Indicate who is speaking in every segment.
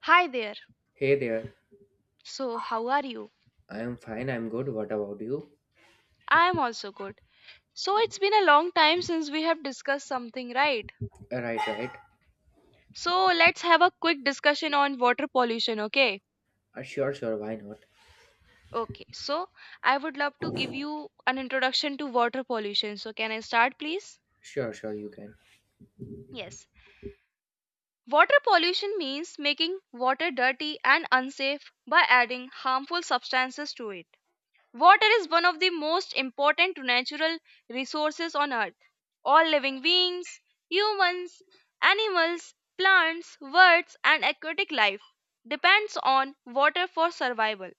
Speaker 1: Hi there.
Speaker 2: Hey there.
Speaker 1: So, how are you?
Speaker 2: I am fine. I'm good. What about you?
Speaker 1: I am also good. So, it's been a long time since we have discussed something, right?
Speaker 2: Right, right.
Speaker 1: So, let's have a quick discussion on water pollution, okay?
Speaker 2: Sure, sure. Why not?
Speaker 1: Okay. So, I would love to give you an introduction to water pollution. So, can I start, please?
Speaker 2: Sure, sure. You can.
Speaker 1: Yes. Water pollution means making water dirty and unsafe by adding harmful substances to it. Water is one of the most important natural resources on earth. All living beings, humans, animals, plants, birds and aquatic life depends on water for survival.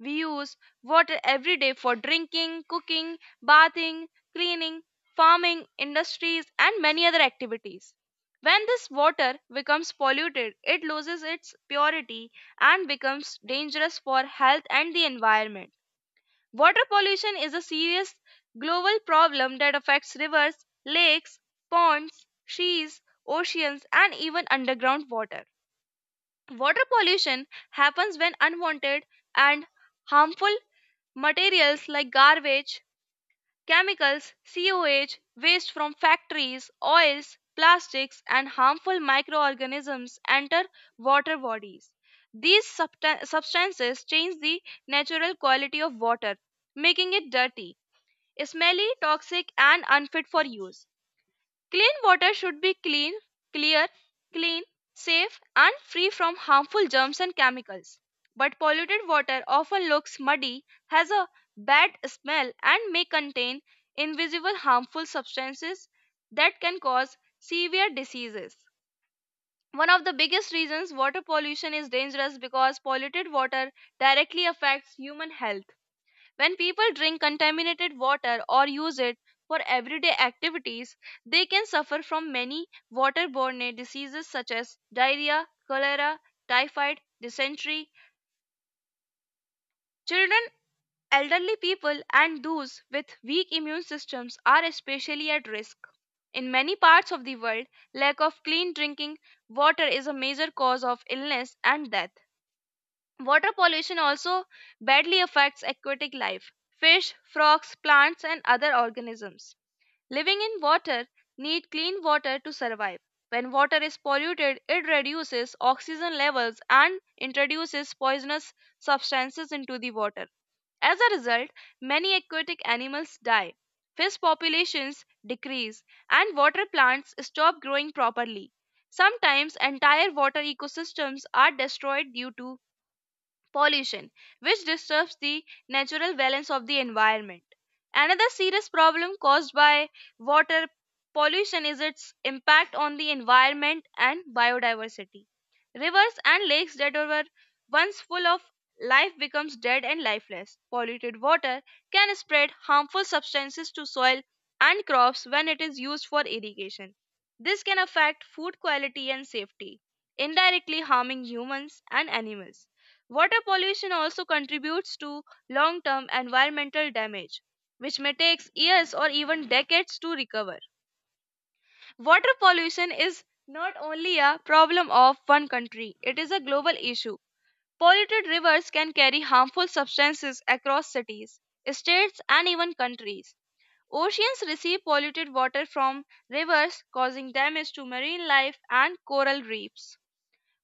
Speaker 1: We use water every day for drinking, cooking, bathing, cleaning, farming, industries and many other activities. When this water becomes polluted, it loses its purity and becomes dangerous for health and the environment. Water pollution is a serious global problem that affects rivers, lakes, ponds, seas, oceans, and even underground water. Water pollution happens when unwanted and harmful materials like garbage, chemicals, sewage, waste from factories, oils, plastics, and harmful microorganisms enter water bodies. These substances change the natural quality of water, making it dirty, smelly, toxic, and unfit for use. Clean water should be clean, clear, clean, safe, and free from harmful germs and chemicals. But polluted water often looks muddy, has a bad smell, and may contain invisible harmful substances that can cause severe diseases. One of the biggest reasons water pollution is dangerous because polluted water directly affects human health. When people drink contaminated water or use it for everyday activities, they can suffer from many waterborne diseases such as diarrhea, cholera, typhoid, dysentery. Children, elderly people, and those with weak immune systems are especially at risk. In many parts of the world, lack of clean drinking water is a major cause of illness and death. Water pollution also badly affects aquatic life, fish, frogs, plants, and other organisms. Living in water need clean water to survive. When water is polluted, it reduces oxygen levels and introduces poisonous substances into the water. As a result, many aquatic animals die. Fish populations decrease, and water plants stop growing properly. Sometimes entire water ecosystems are destroyed due to pollution, which disturbs the natural balance of the environment. Another serious problem caused by water pollution is its impact on the environment and biodiversity. Rivers and lakes that were once full of life becomes dead and lifeless. Polluted water can spread harmful substances to soil and crops when it is used for irrigation. This can affect food quality and safety, indirectly harming humans and animals. Water pollution also contributes to long term environmental damage, which may take years or even decades to recover. Water pollution is not only a problem of one country, it is a global issue. Polluted rivers can carry harmful substances across cities, states, and even countries. Oceans receive polluted water from rivers, causing damage to marine life and coral reefs.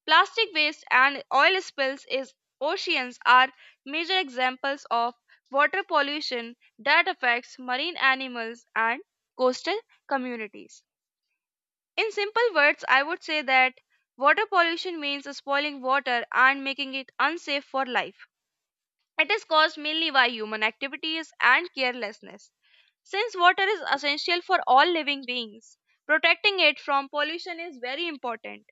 Speaker 1: Plastic waste and oil spills in oceans are major examples of water pollution that affects marine animals and coastal communities. In simple words, I would say that water pollution means spoiling water and making it unsafe for life. It is caused mainly by human activities and carelessness. Since water is essential for all living beings, protecting it from pollution is very important.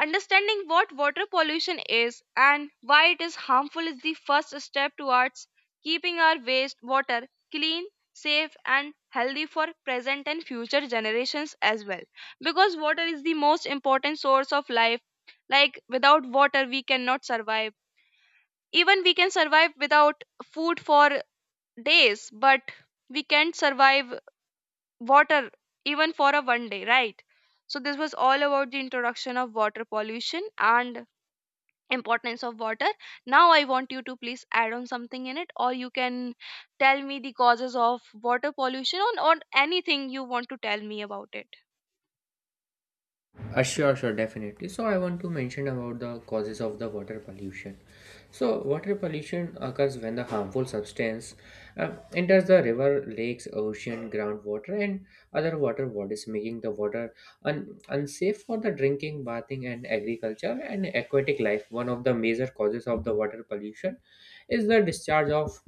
Speaker 1: Understanding what water pollution is and why it is harmful is the first step towards keeping our wastewater clean, safe, and healthy for present and future generations as well. Because water is the most important source of life. Like, without water, we cannot survive. Even we can survive without food for days, but we can't survive water even for a one day, right? So, this was all about the introduction of water pollution and importance of water. Now I want you to please add on something in it, or you can tell me the causes of water pollution, or anything you want to tell me about it.
Speaker 2: Sure, sure. Definitely. So I want to mention about the causes of the water pollution. So water pollution occurs when the harmful substance enters the river, lakes, ocean, groundwater, and other water bodies, making the water unsafe for the drinking, bathing, and agriculture and aquatic life. One of the major causes of the water pollution is the discharge of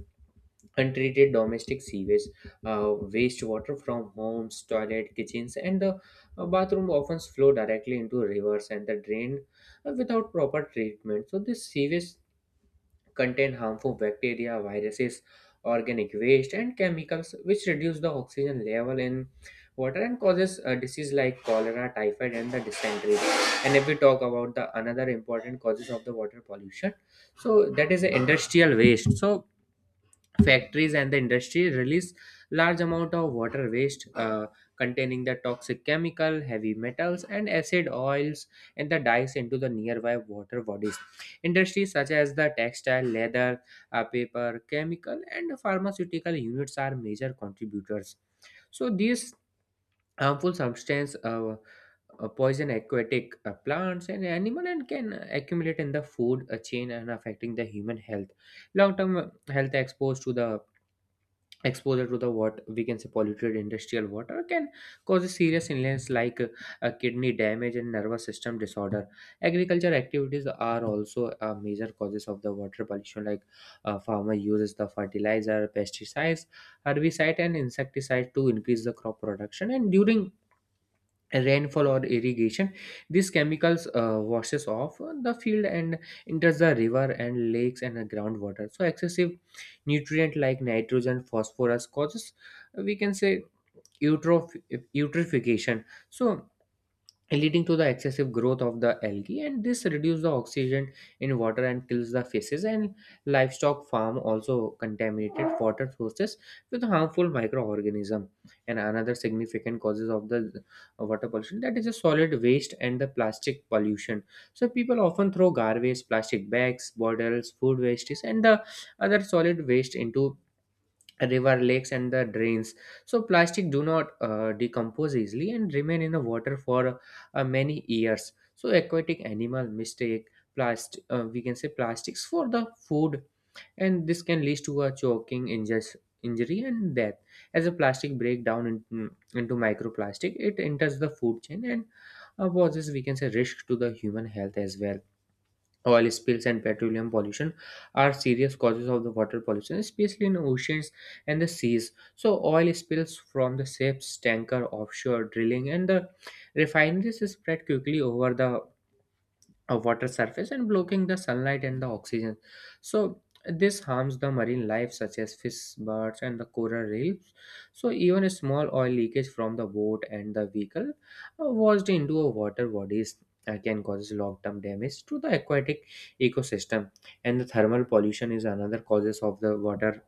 Speaker 2: untreated domestic sewage, uh, wastewater from homes, toilet, kitchens, and the bathroom often flow directly into rivers and the drain without proper treatment. So this sewage contain harmful bacteria, viruses, organic waste, and chemicals which reduce the oxygen level in water and causes disease like cholera, typhoid, and the dysentery. And if we talk about the another important causes of the water pollution, so that is the industrial waste. So factories and the industry release large amount of water waste, containing the toxic chemical, heavy metals, and acid oils and the dyes into the nearby water bodies. Industries such as the textile, leather, paper, chemical, and pharmaceutical units are major contributors. So these harmful substance poison aquatic plants and animal and can accumulate in the food chain and affecting the human health. Long term health exposed to the exposure to the, what we can say, polluted industrial water can cause serious illness like kidney damage and nervous system disorder. Agriculture activities are also major causes of the water pollution. Like, farmer uses the fertilizer, pesticides, herbicide, and insecticide to increase the crop production. And during rainfall or irrigation, these chemicals washes off the field and enters the river and lakes and the groundwater. So excessive nutrient like nitrogen, phosphorus causes, we can say, eutroph- eutrophication, so leading to the excessive growth of the algae, and this reduces the oxygen in water and kills the fishes. And livestock farm also contaminated water sources with harmful microorganism. And another significant causes of the water pollution, that is a solid waste and the plastic pollution. So people often throw garbage, plastic bags, bottles, food wastes, and the other solid waste into river, lakes, and the drains. So plastic do not decompose easily and remain in the water for many years. So aquatic animal mistake plastic, we can say, plastics for the food, and this can lead to a choking, injury, and death. As a plastic break down into microplastic, it enters the food chain and poses, we can say, risk to the human health as well. Oil spills and petroleum pollution are serious causes of the water pollution, especially in oceans and the seas. So, oil spills from the ships, tanker, offshore drilling, and the refineries spread quickly over the a water surface and blocking the sunlight and the oxygen. So this harms the marine life such as fish, birds, and the coral reefs. So even a small oil leakage from the boat and the vehicle washed into a water bodies can cause long-term damage to the aquatic ecosystem. And the thermal pollution is another causes of the water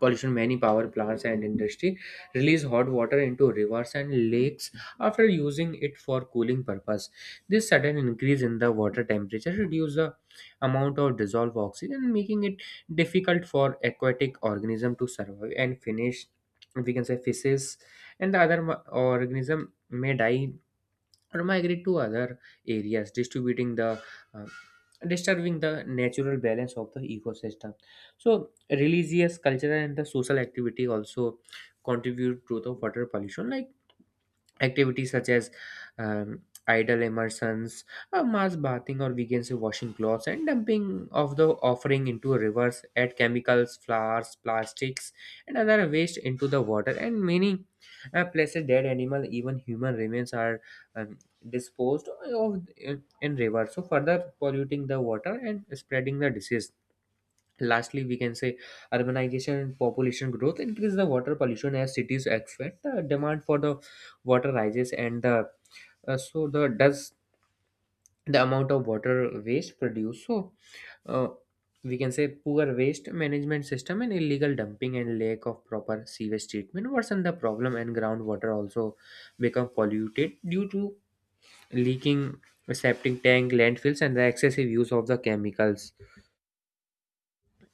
Speaker 2: pollution. Many power plants and industry release hot water into rivers and lakes after using it for cooling purpose. This sudden increase in the water temperature reduces the amount of dissolved oxygen, making it difficult for aquatic organism to survive and finish, we can say, fishes and organism may die or migrate to other areas, distributing the uh, disturbing the natural balance of the ecosystem. So religious, cultural, and the social activity also contribute to the water pollution. Like, activities such as idle immersions, mass bathing, or weekends of washing clothes and dumping of the offering into rivers, add chemicals, flowers, plastics, and other waste into the water. And many places, dead animal, even human remains are um, disposed of in rivers, so further polluting the water and spreading the disease. Lastly, we can say urbanization and population growth increase the water pollution as cities expand. The demand for the water rises, and the so the does the amount of water waste produced. So uh, we can say poor waste management system and illegal dumping and lack of proper sewage treatment worsen the problem. And groundwater also become polluted due to leaking septic tank, landfills, and the excessive use of the chemicals.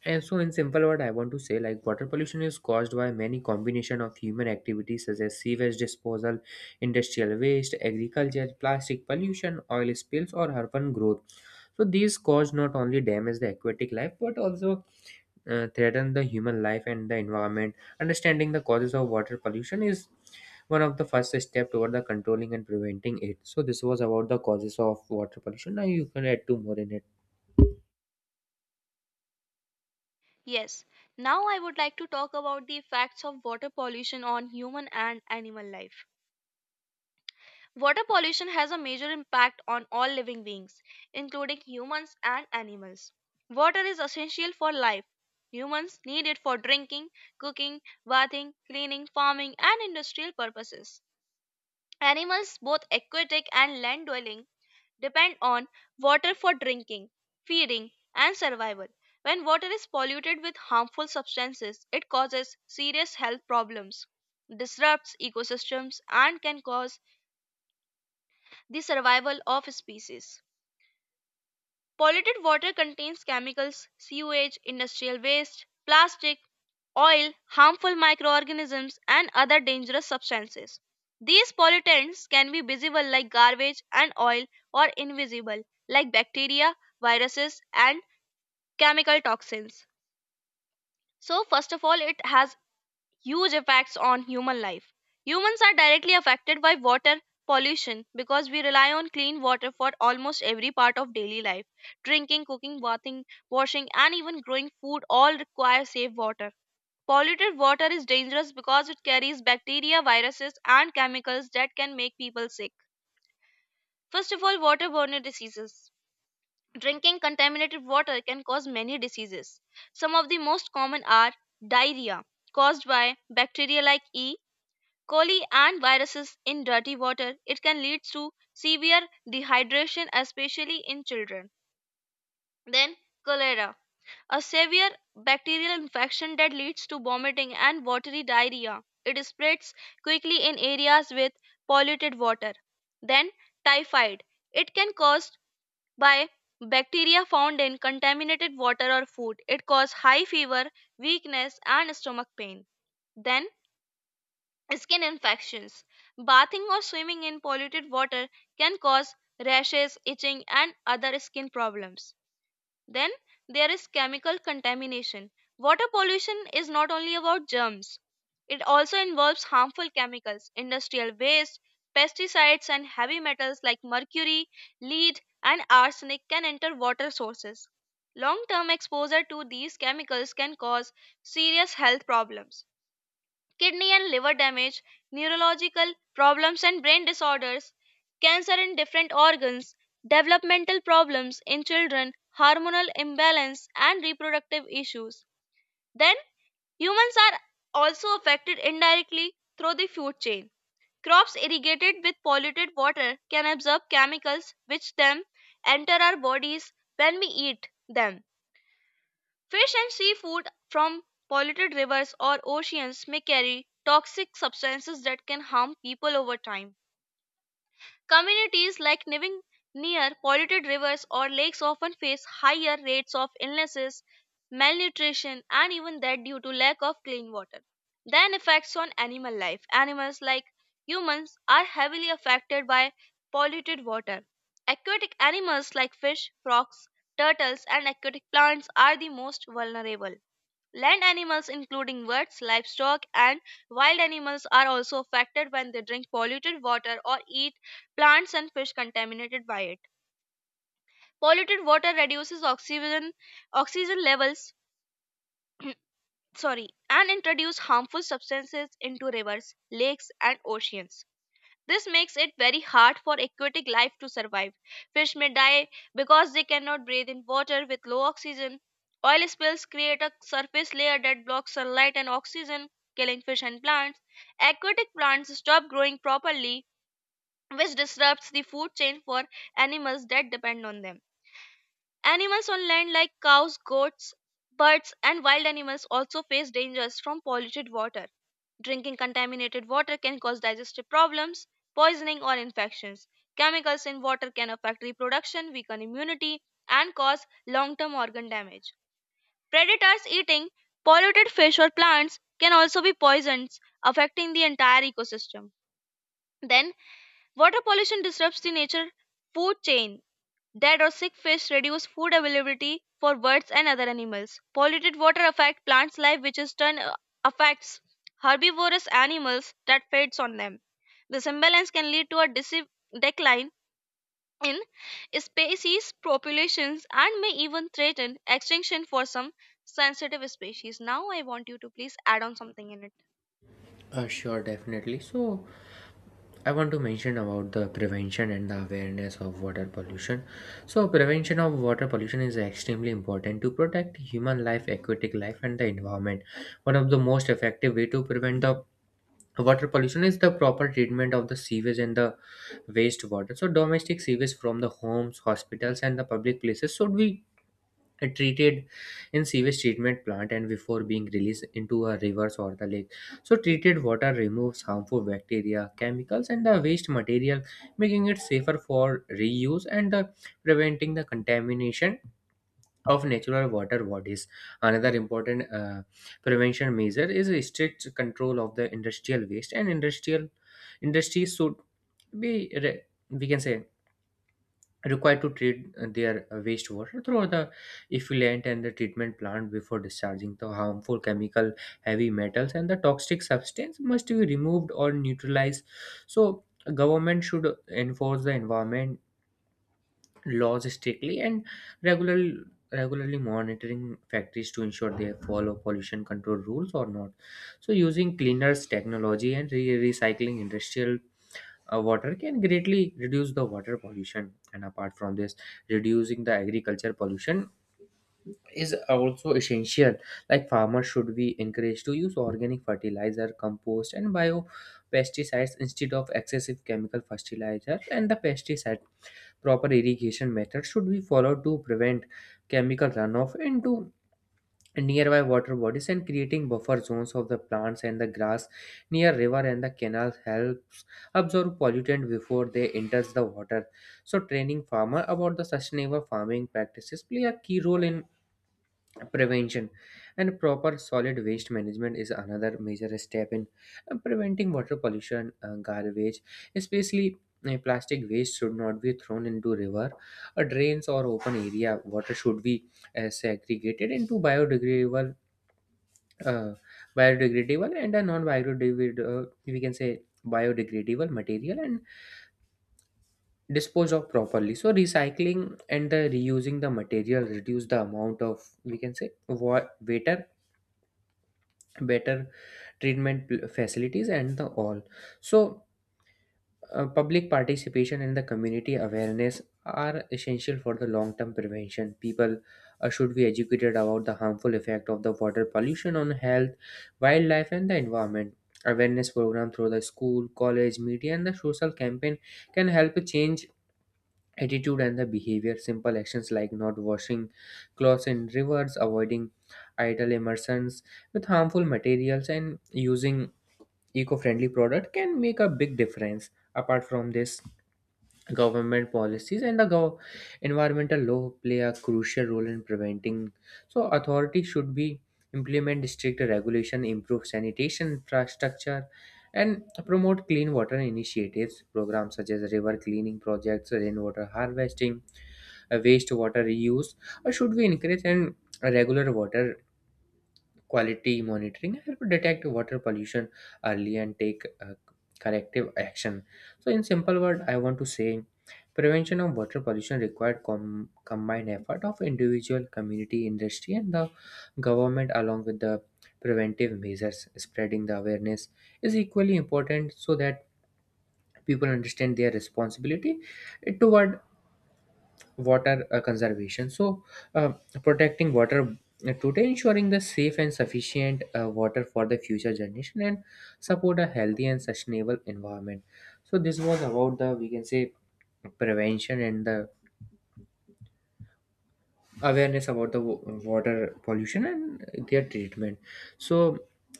Speaker 2: And so, in simple word, I want to say, like, water pollution is caused by many combination of human activities such as sewage disposal, industrial waste, agriculture, plastic pollution, oil spills, or urban growth. So these cause not only damage the aquatic life but also threaten the human life and the environment. Understanding the causes of water pollution is one of the first step toward the controlling and preventing it. So this was about the causes of water pollution. Now you can add two more in it.
Speaker 1: Yes, now I would like to talk about the effects of water pollution on human and animal life. Water pollution has a major impact on all living beings, including humans and animals. Water is essential for life. Humans need it for drinking, cooking, bathing, cleaning, farming and industrial purposes. Animals, both aquatic and land dwelling, depend on water for drinking, feeding, and survival. When water is polluted with harmful substances, it causes serious health problems, disrupts ecosystems, and can cause the survival of species. Polluted water contains chemicals, sewage, industrial waste, plastic, oil, harmful microorganisms, and other dangerous substances. These pollutants can be visible like garbage and oil, or invisible like bacteria, viruses, and chemical toxins. So, first of all, it has huge effects on human life. Humans are directly affected by water pollution because we rely on clean water for almost every part of daily life. Drinking, cooking, bathing, washing, and even growing food all require safe water. Polluted water is dangerous because it carries bacteria, viruses, and chemicals that can make people sick. First of all, waterborne diseases. Drinking contaminated water can cause many diseases. Some of the most common are diarrhea, caused by bacteria like E. Coli and viruses in dirty water, it can lead to severe dehydration, especially in children. Then, cholera, a severe bacterial infection that leads to vomiting and watery diarrhea. It spreads quickly in areas with polluted water. Then, typhoid, it can caused by bacteria found in contaminated water or food. It causes high fever, weakness, and stomach pain. Then, skin infections. Bathing or swimming in polluted water can cause rashes, itching, and other skin problems. Then there is chemical contamination. Water pollution is not only about germs, it also involves harmful chemicals, industrial waste, pesticides, and heavy metals like mercury, lead, and arsenic can enter water sources. Long term exposure to these chemicals can cause serious health problems, kidney and liver damage, neurological problems and brain disorders, cancer in different organs, developmental problems in children, hormonal imbalance, and reproductive issues. Then, humans are also affected indirectly through the food chain. Crops irrigated with polluted water can absorb chemicals which then enter our bodies when we eat them. Fish and seafood from polluted rivers or oceans may carry toxic substances that can harm people over time. Communities like living near polluted rivers or lakes often face higher rates of illnesses, malnutrition, and even death due to lack of clean water. Then, effects on animal life. Animals, like humans, are heavily affected by polluted water. Aquatic animals like fish, frogs, turtles, and aquatic plants are the most vulnerable. Land animals, including birds, livestock, and wild animals, are also affected when they drink polluted water or eat plants and fish contaminated by it. Polluted water reduces oxygen, oxygen levels, sorry, and introduce harmful substances into rivers, lakes, and oceans. This makes it very hard for aquatic life to survive. Fish may die because they cannot breathe in water with low oxygen. Oil spills create a surface layer that blocks sunlight and oxygen, killing fish and plants. Aquatic plants stop growing properly, which disrupts the food chain for animals that depend on them. Animals on land like cows, goats, birds, and wild animals also face dangers from polluted water. Drinking contaminated water can cause digestive problems, poisoning, or infections. Chemicals in water can affect reproduction, weaken immunity, and cause long term organ damage. Predators eating polluted fish or plants can also be poisons, affecting the entire ecosystem. Then, water pollution disrupts the nature food chain. Dead or sick fish reduce food availability for birds and other animals. Polluted water affect plants' life, which in turn affects herbivorous animals that feeds on them. This imbalance can lead to a decline in species populations and may even threaten extinction for some sensitive species. Now, I want you to please add on something in it.
Speaker 2: Sure, definitely. So, I want to mention about the prevention and the awareness of water pollution. So, prevention of water pollution is extremely important to protect human life, aquatic life, and the environment. One of the most effective way to prevent the water pollution is the proper treatment of the sewage and the wastewater. So, domestic sewage from the homes, hospitals, and the public places should be and treated in sewage treatment plant and before being released into a rivers or the lake. So treated water removes harmful bacteria, chemicals, and the waste material, making it safer for reuse and preventing the contamination of natural water bodies. Another important prevention measure is a strict control of the industrial waste and industrial industries should be re- we can say required to treat their wastewater through the effluent and the treatment plant before discharging. The harmful chemical, heavy metals, and the toxic substance must be removed or neutralized. So government should enforce the environment laws strictly and regularly regularly monitoring factories to ensure they follow pollution control rules or not. So using cleaners technology and recycling industrial water can greatly reduce the water pollution. And apart from this, reducing the agriculture pollution is also essential. Like, farmers should be encouraged to use organic fertilizer, compost, and bio pesticides instead of excessive chemical fertilizer and the pesticide. Proper irrigation methods should be followed to prevent chemical runoff into nearby water bodies, and creating buffer zones of the plants and the grass near river and the canals helps absorb pollutant before they enters the water. So training farmer about the sustainable farming practices play a key role in prevention. And proper solid waste management is another major step in preventing water pollution. Garbage, especially plastic waste, should not be thrown into river or drains or open area. Water should be segregated into uh, biodegradable and a non-biodegradable, we can say, biodegradable material and dispose of properly. So recycling and the reusing the material reduce the amount of, we can say, better better treatment facilities and the all. So public participation and the community awareness are essential for the long-term prevention. People should be educated about the harmful effect of the water pollution on health, wildlife, and the environment. Awareness program through the school, college, media, and the social campaign can help change attitude and the behavior. Simple actions like not washing clothes in rivers, avoiding idle immersions with harmful materials, and using eco-friendly product can make a big difference. Apart from this, government policies and the environmental law play a crucial role in preventing. So authorities should be implement stricter regulation, improve sanitation infrastructure, and promote clean water initiatives. Programs such as river cleaning projects, rainwater harvesting, wastewater reuse or should we encourage, and regular water quality monitoring help detect water pollution early and take corrective action. So, in simple word, I want to say prevention of water pollution required combined effort of individual, community, industry, and the government, along with the preventive measures. Spreading the awareness is equally important so that people understand their responsibility toward water conservation. So uh, protecting water today ensuring the safe and sufficient water for the future generation and support a healthy and sustainable environment. So this was about the, we can say, prevention and the awareness about the water pollution and their treatment. So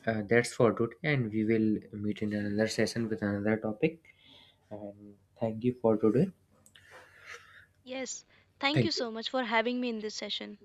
Speaker 2: that's for today, and we will meet in another session with another topic. And thank you for today.
Speaker 1: Yes, thank you
Speaker 2: Thank you.
Speaker 1: so much for having me in this session.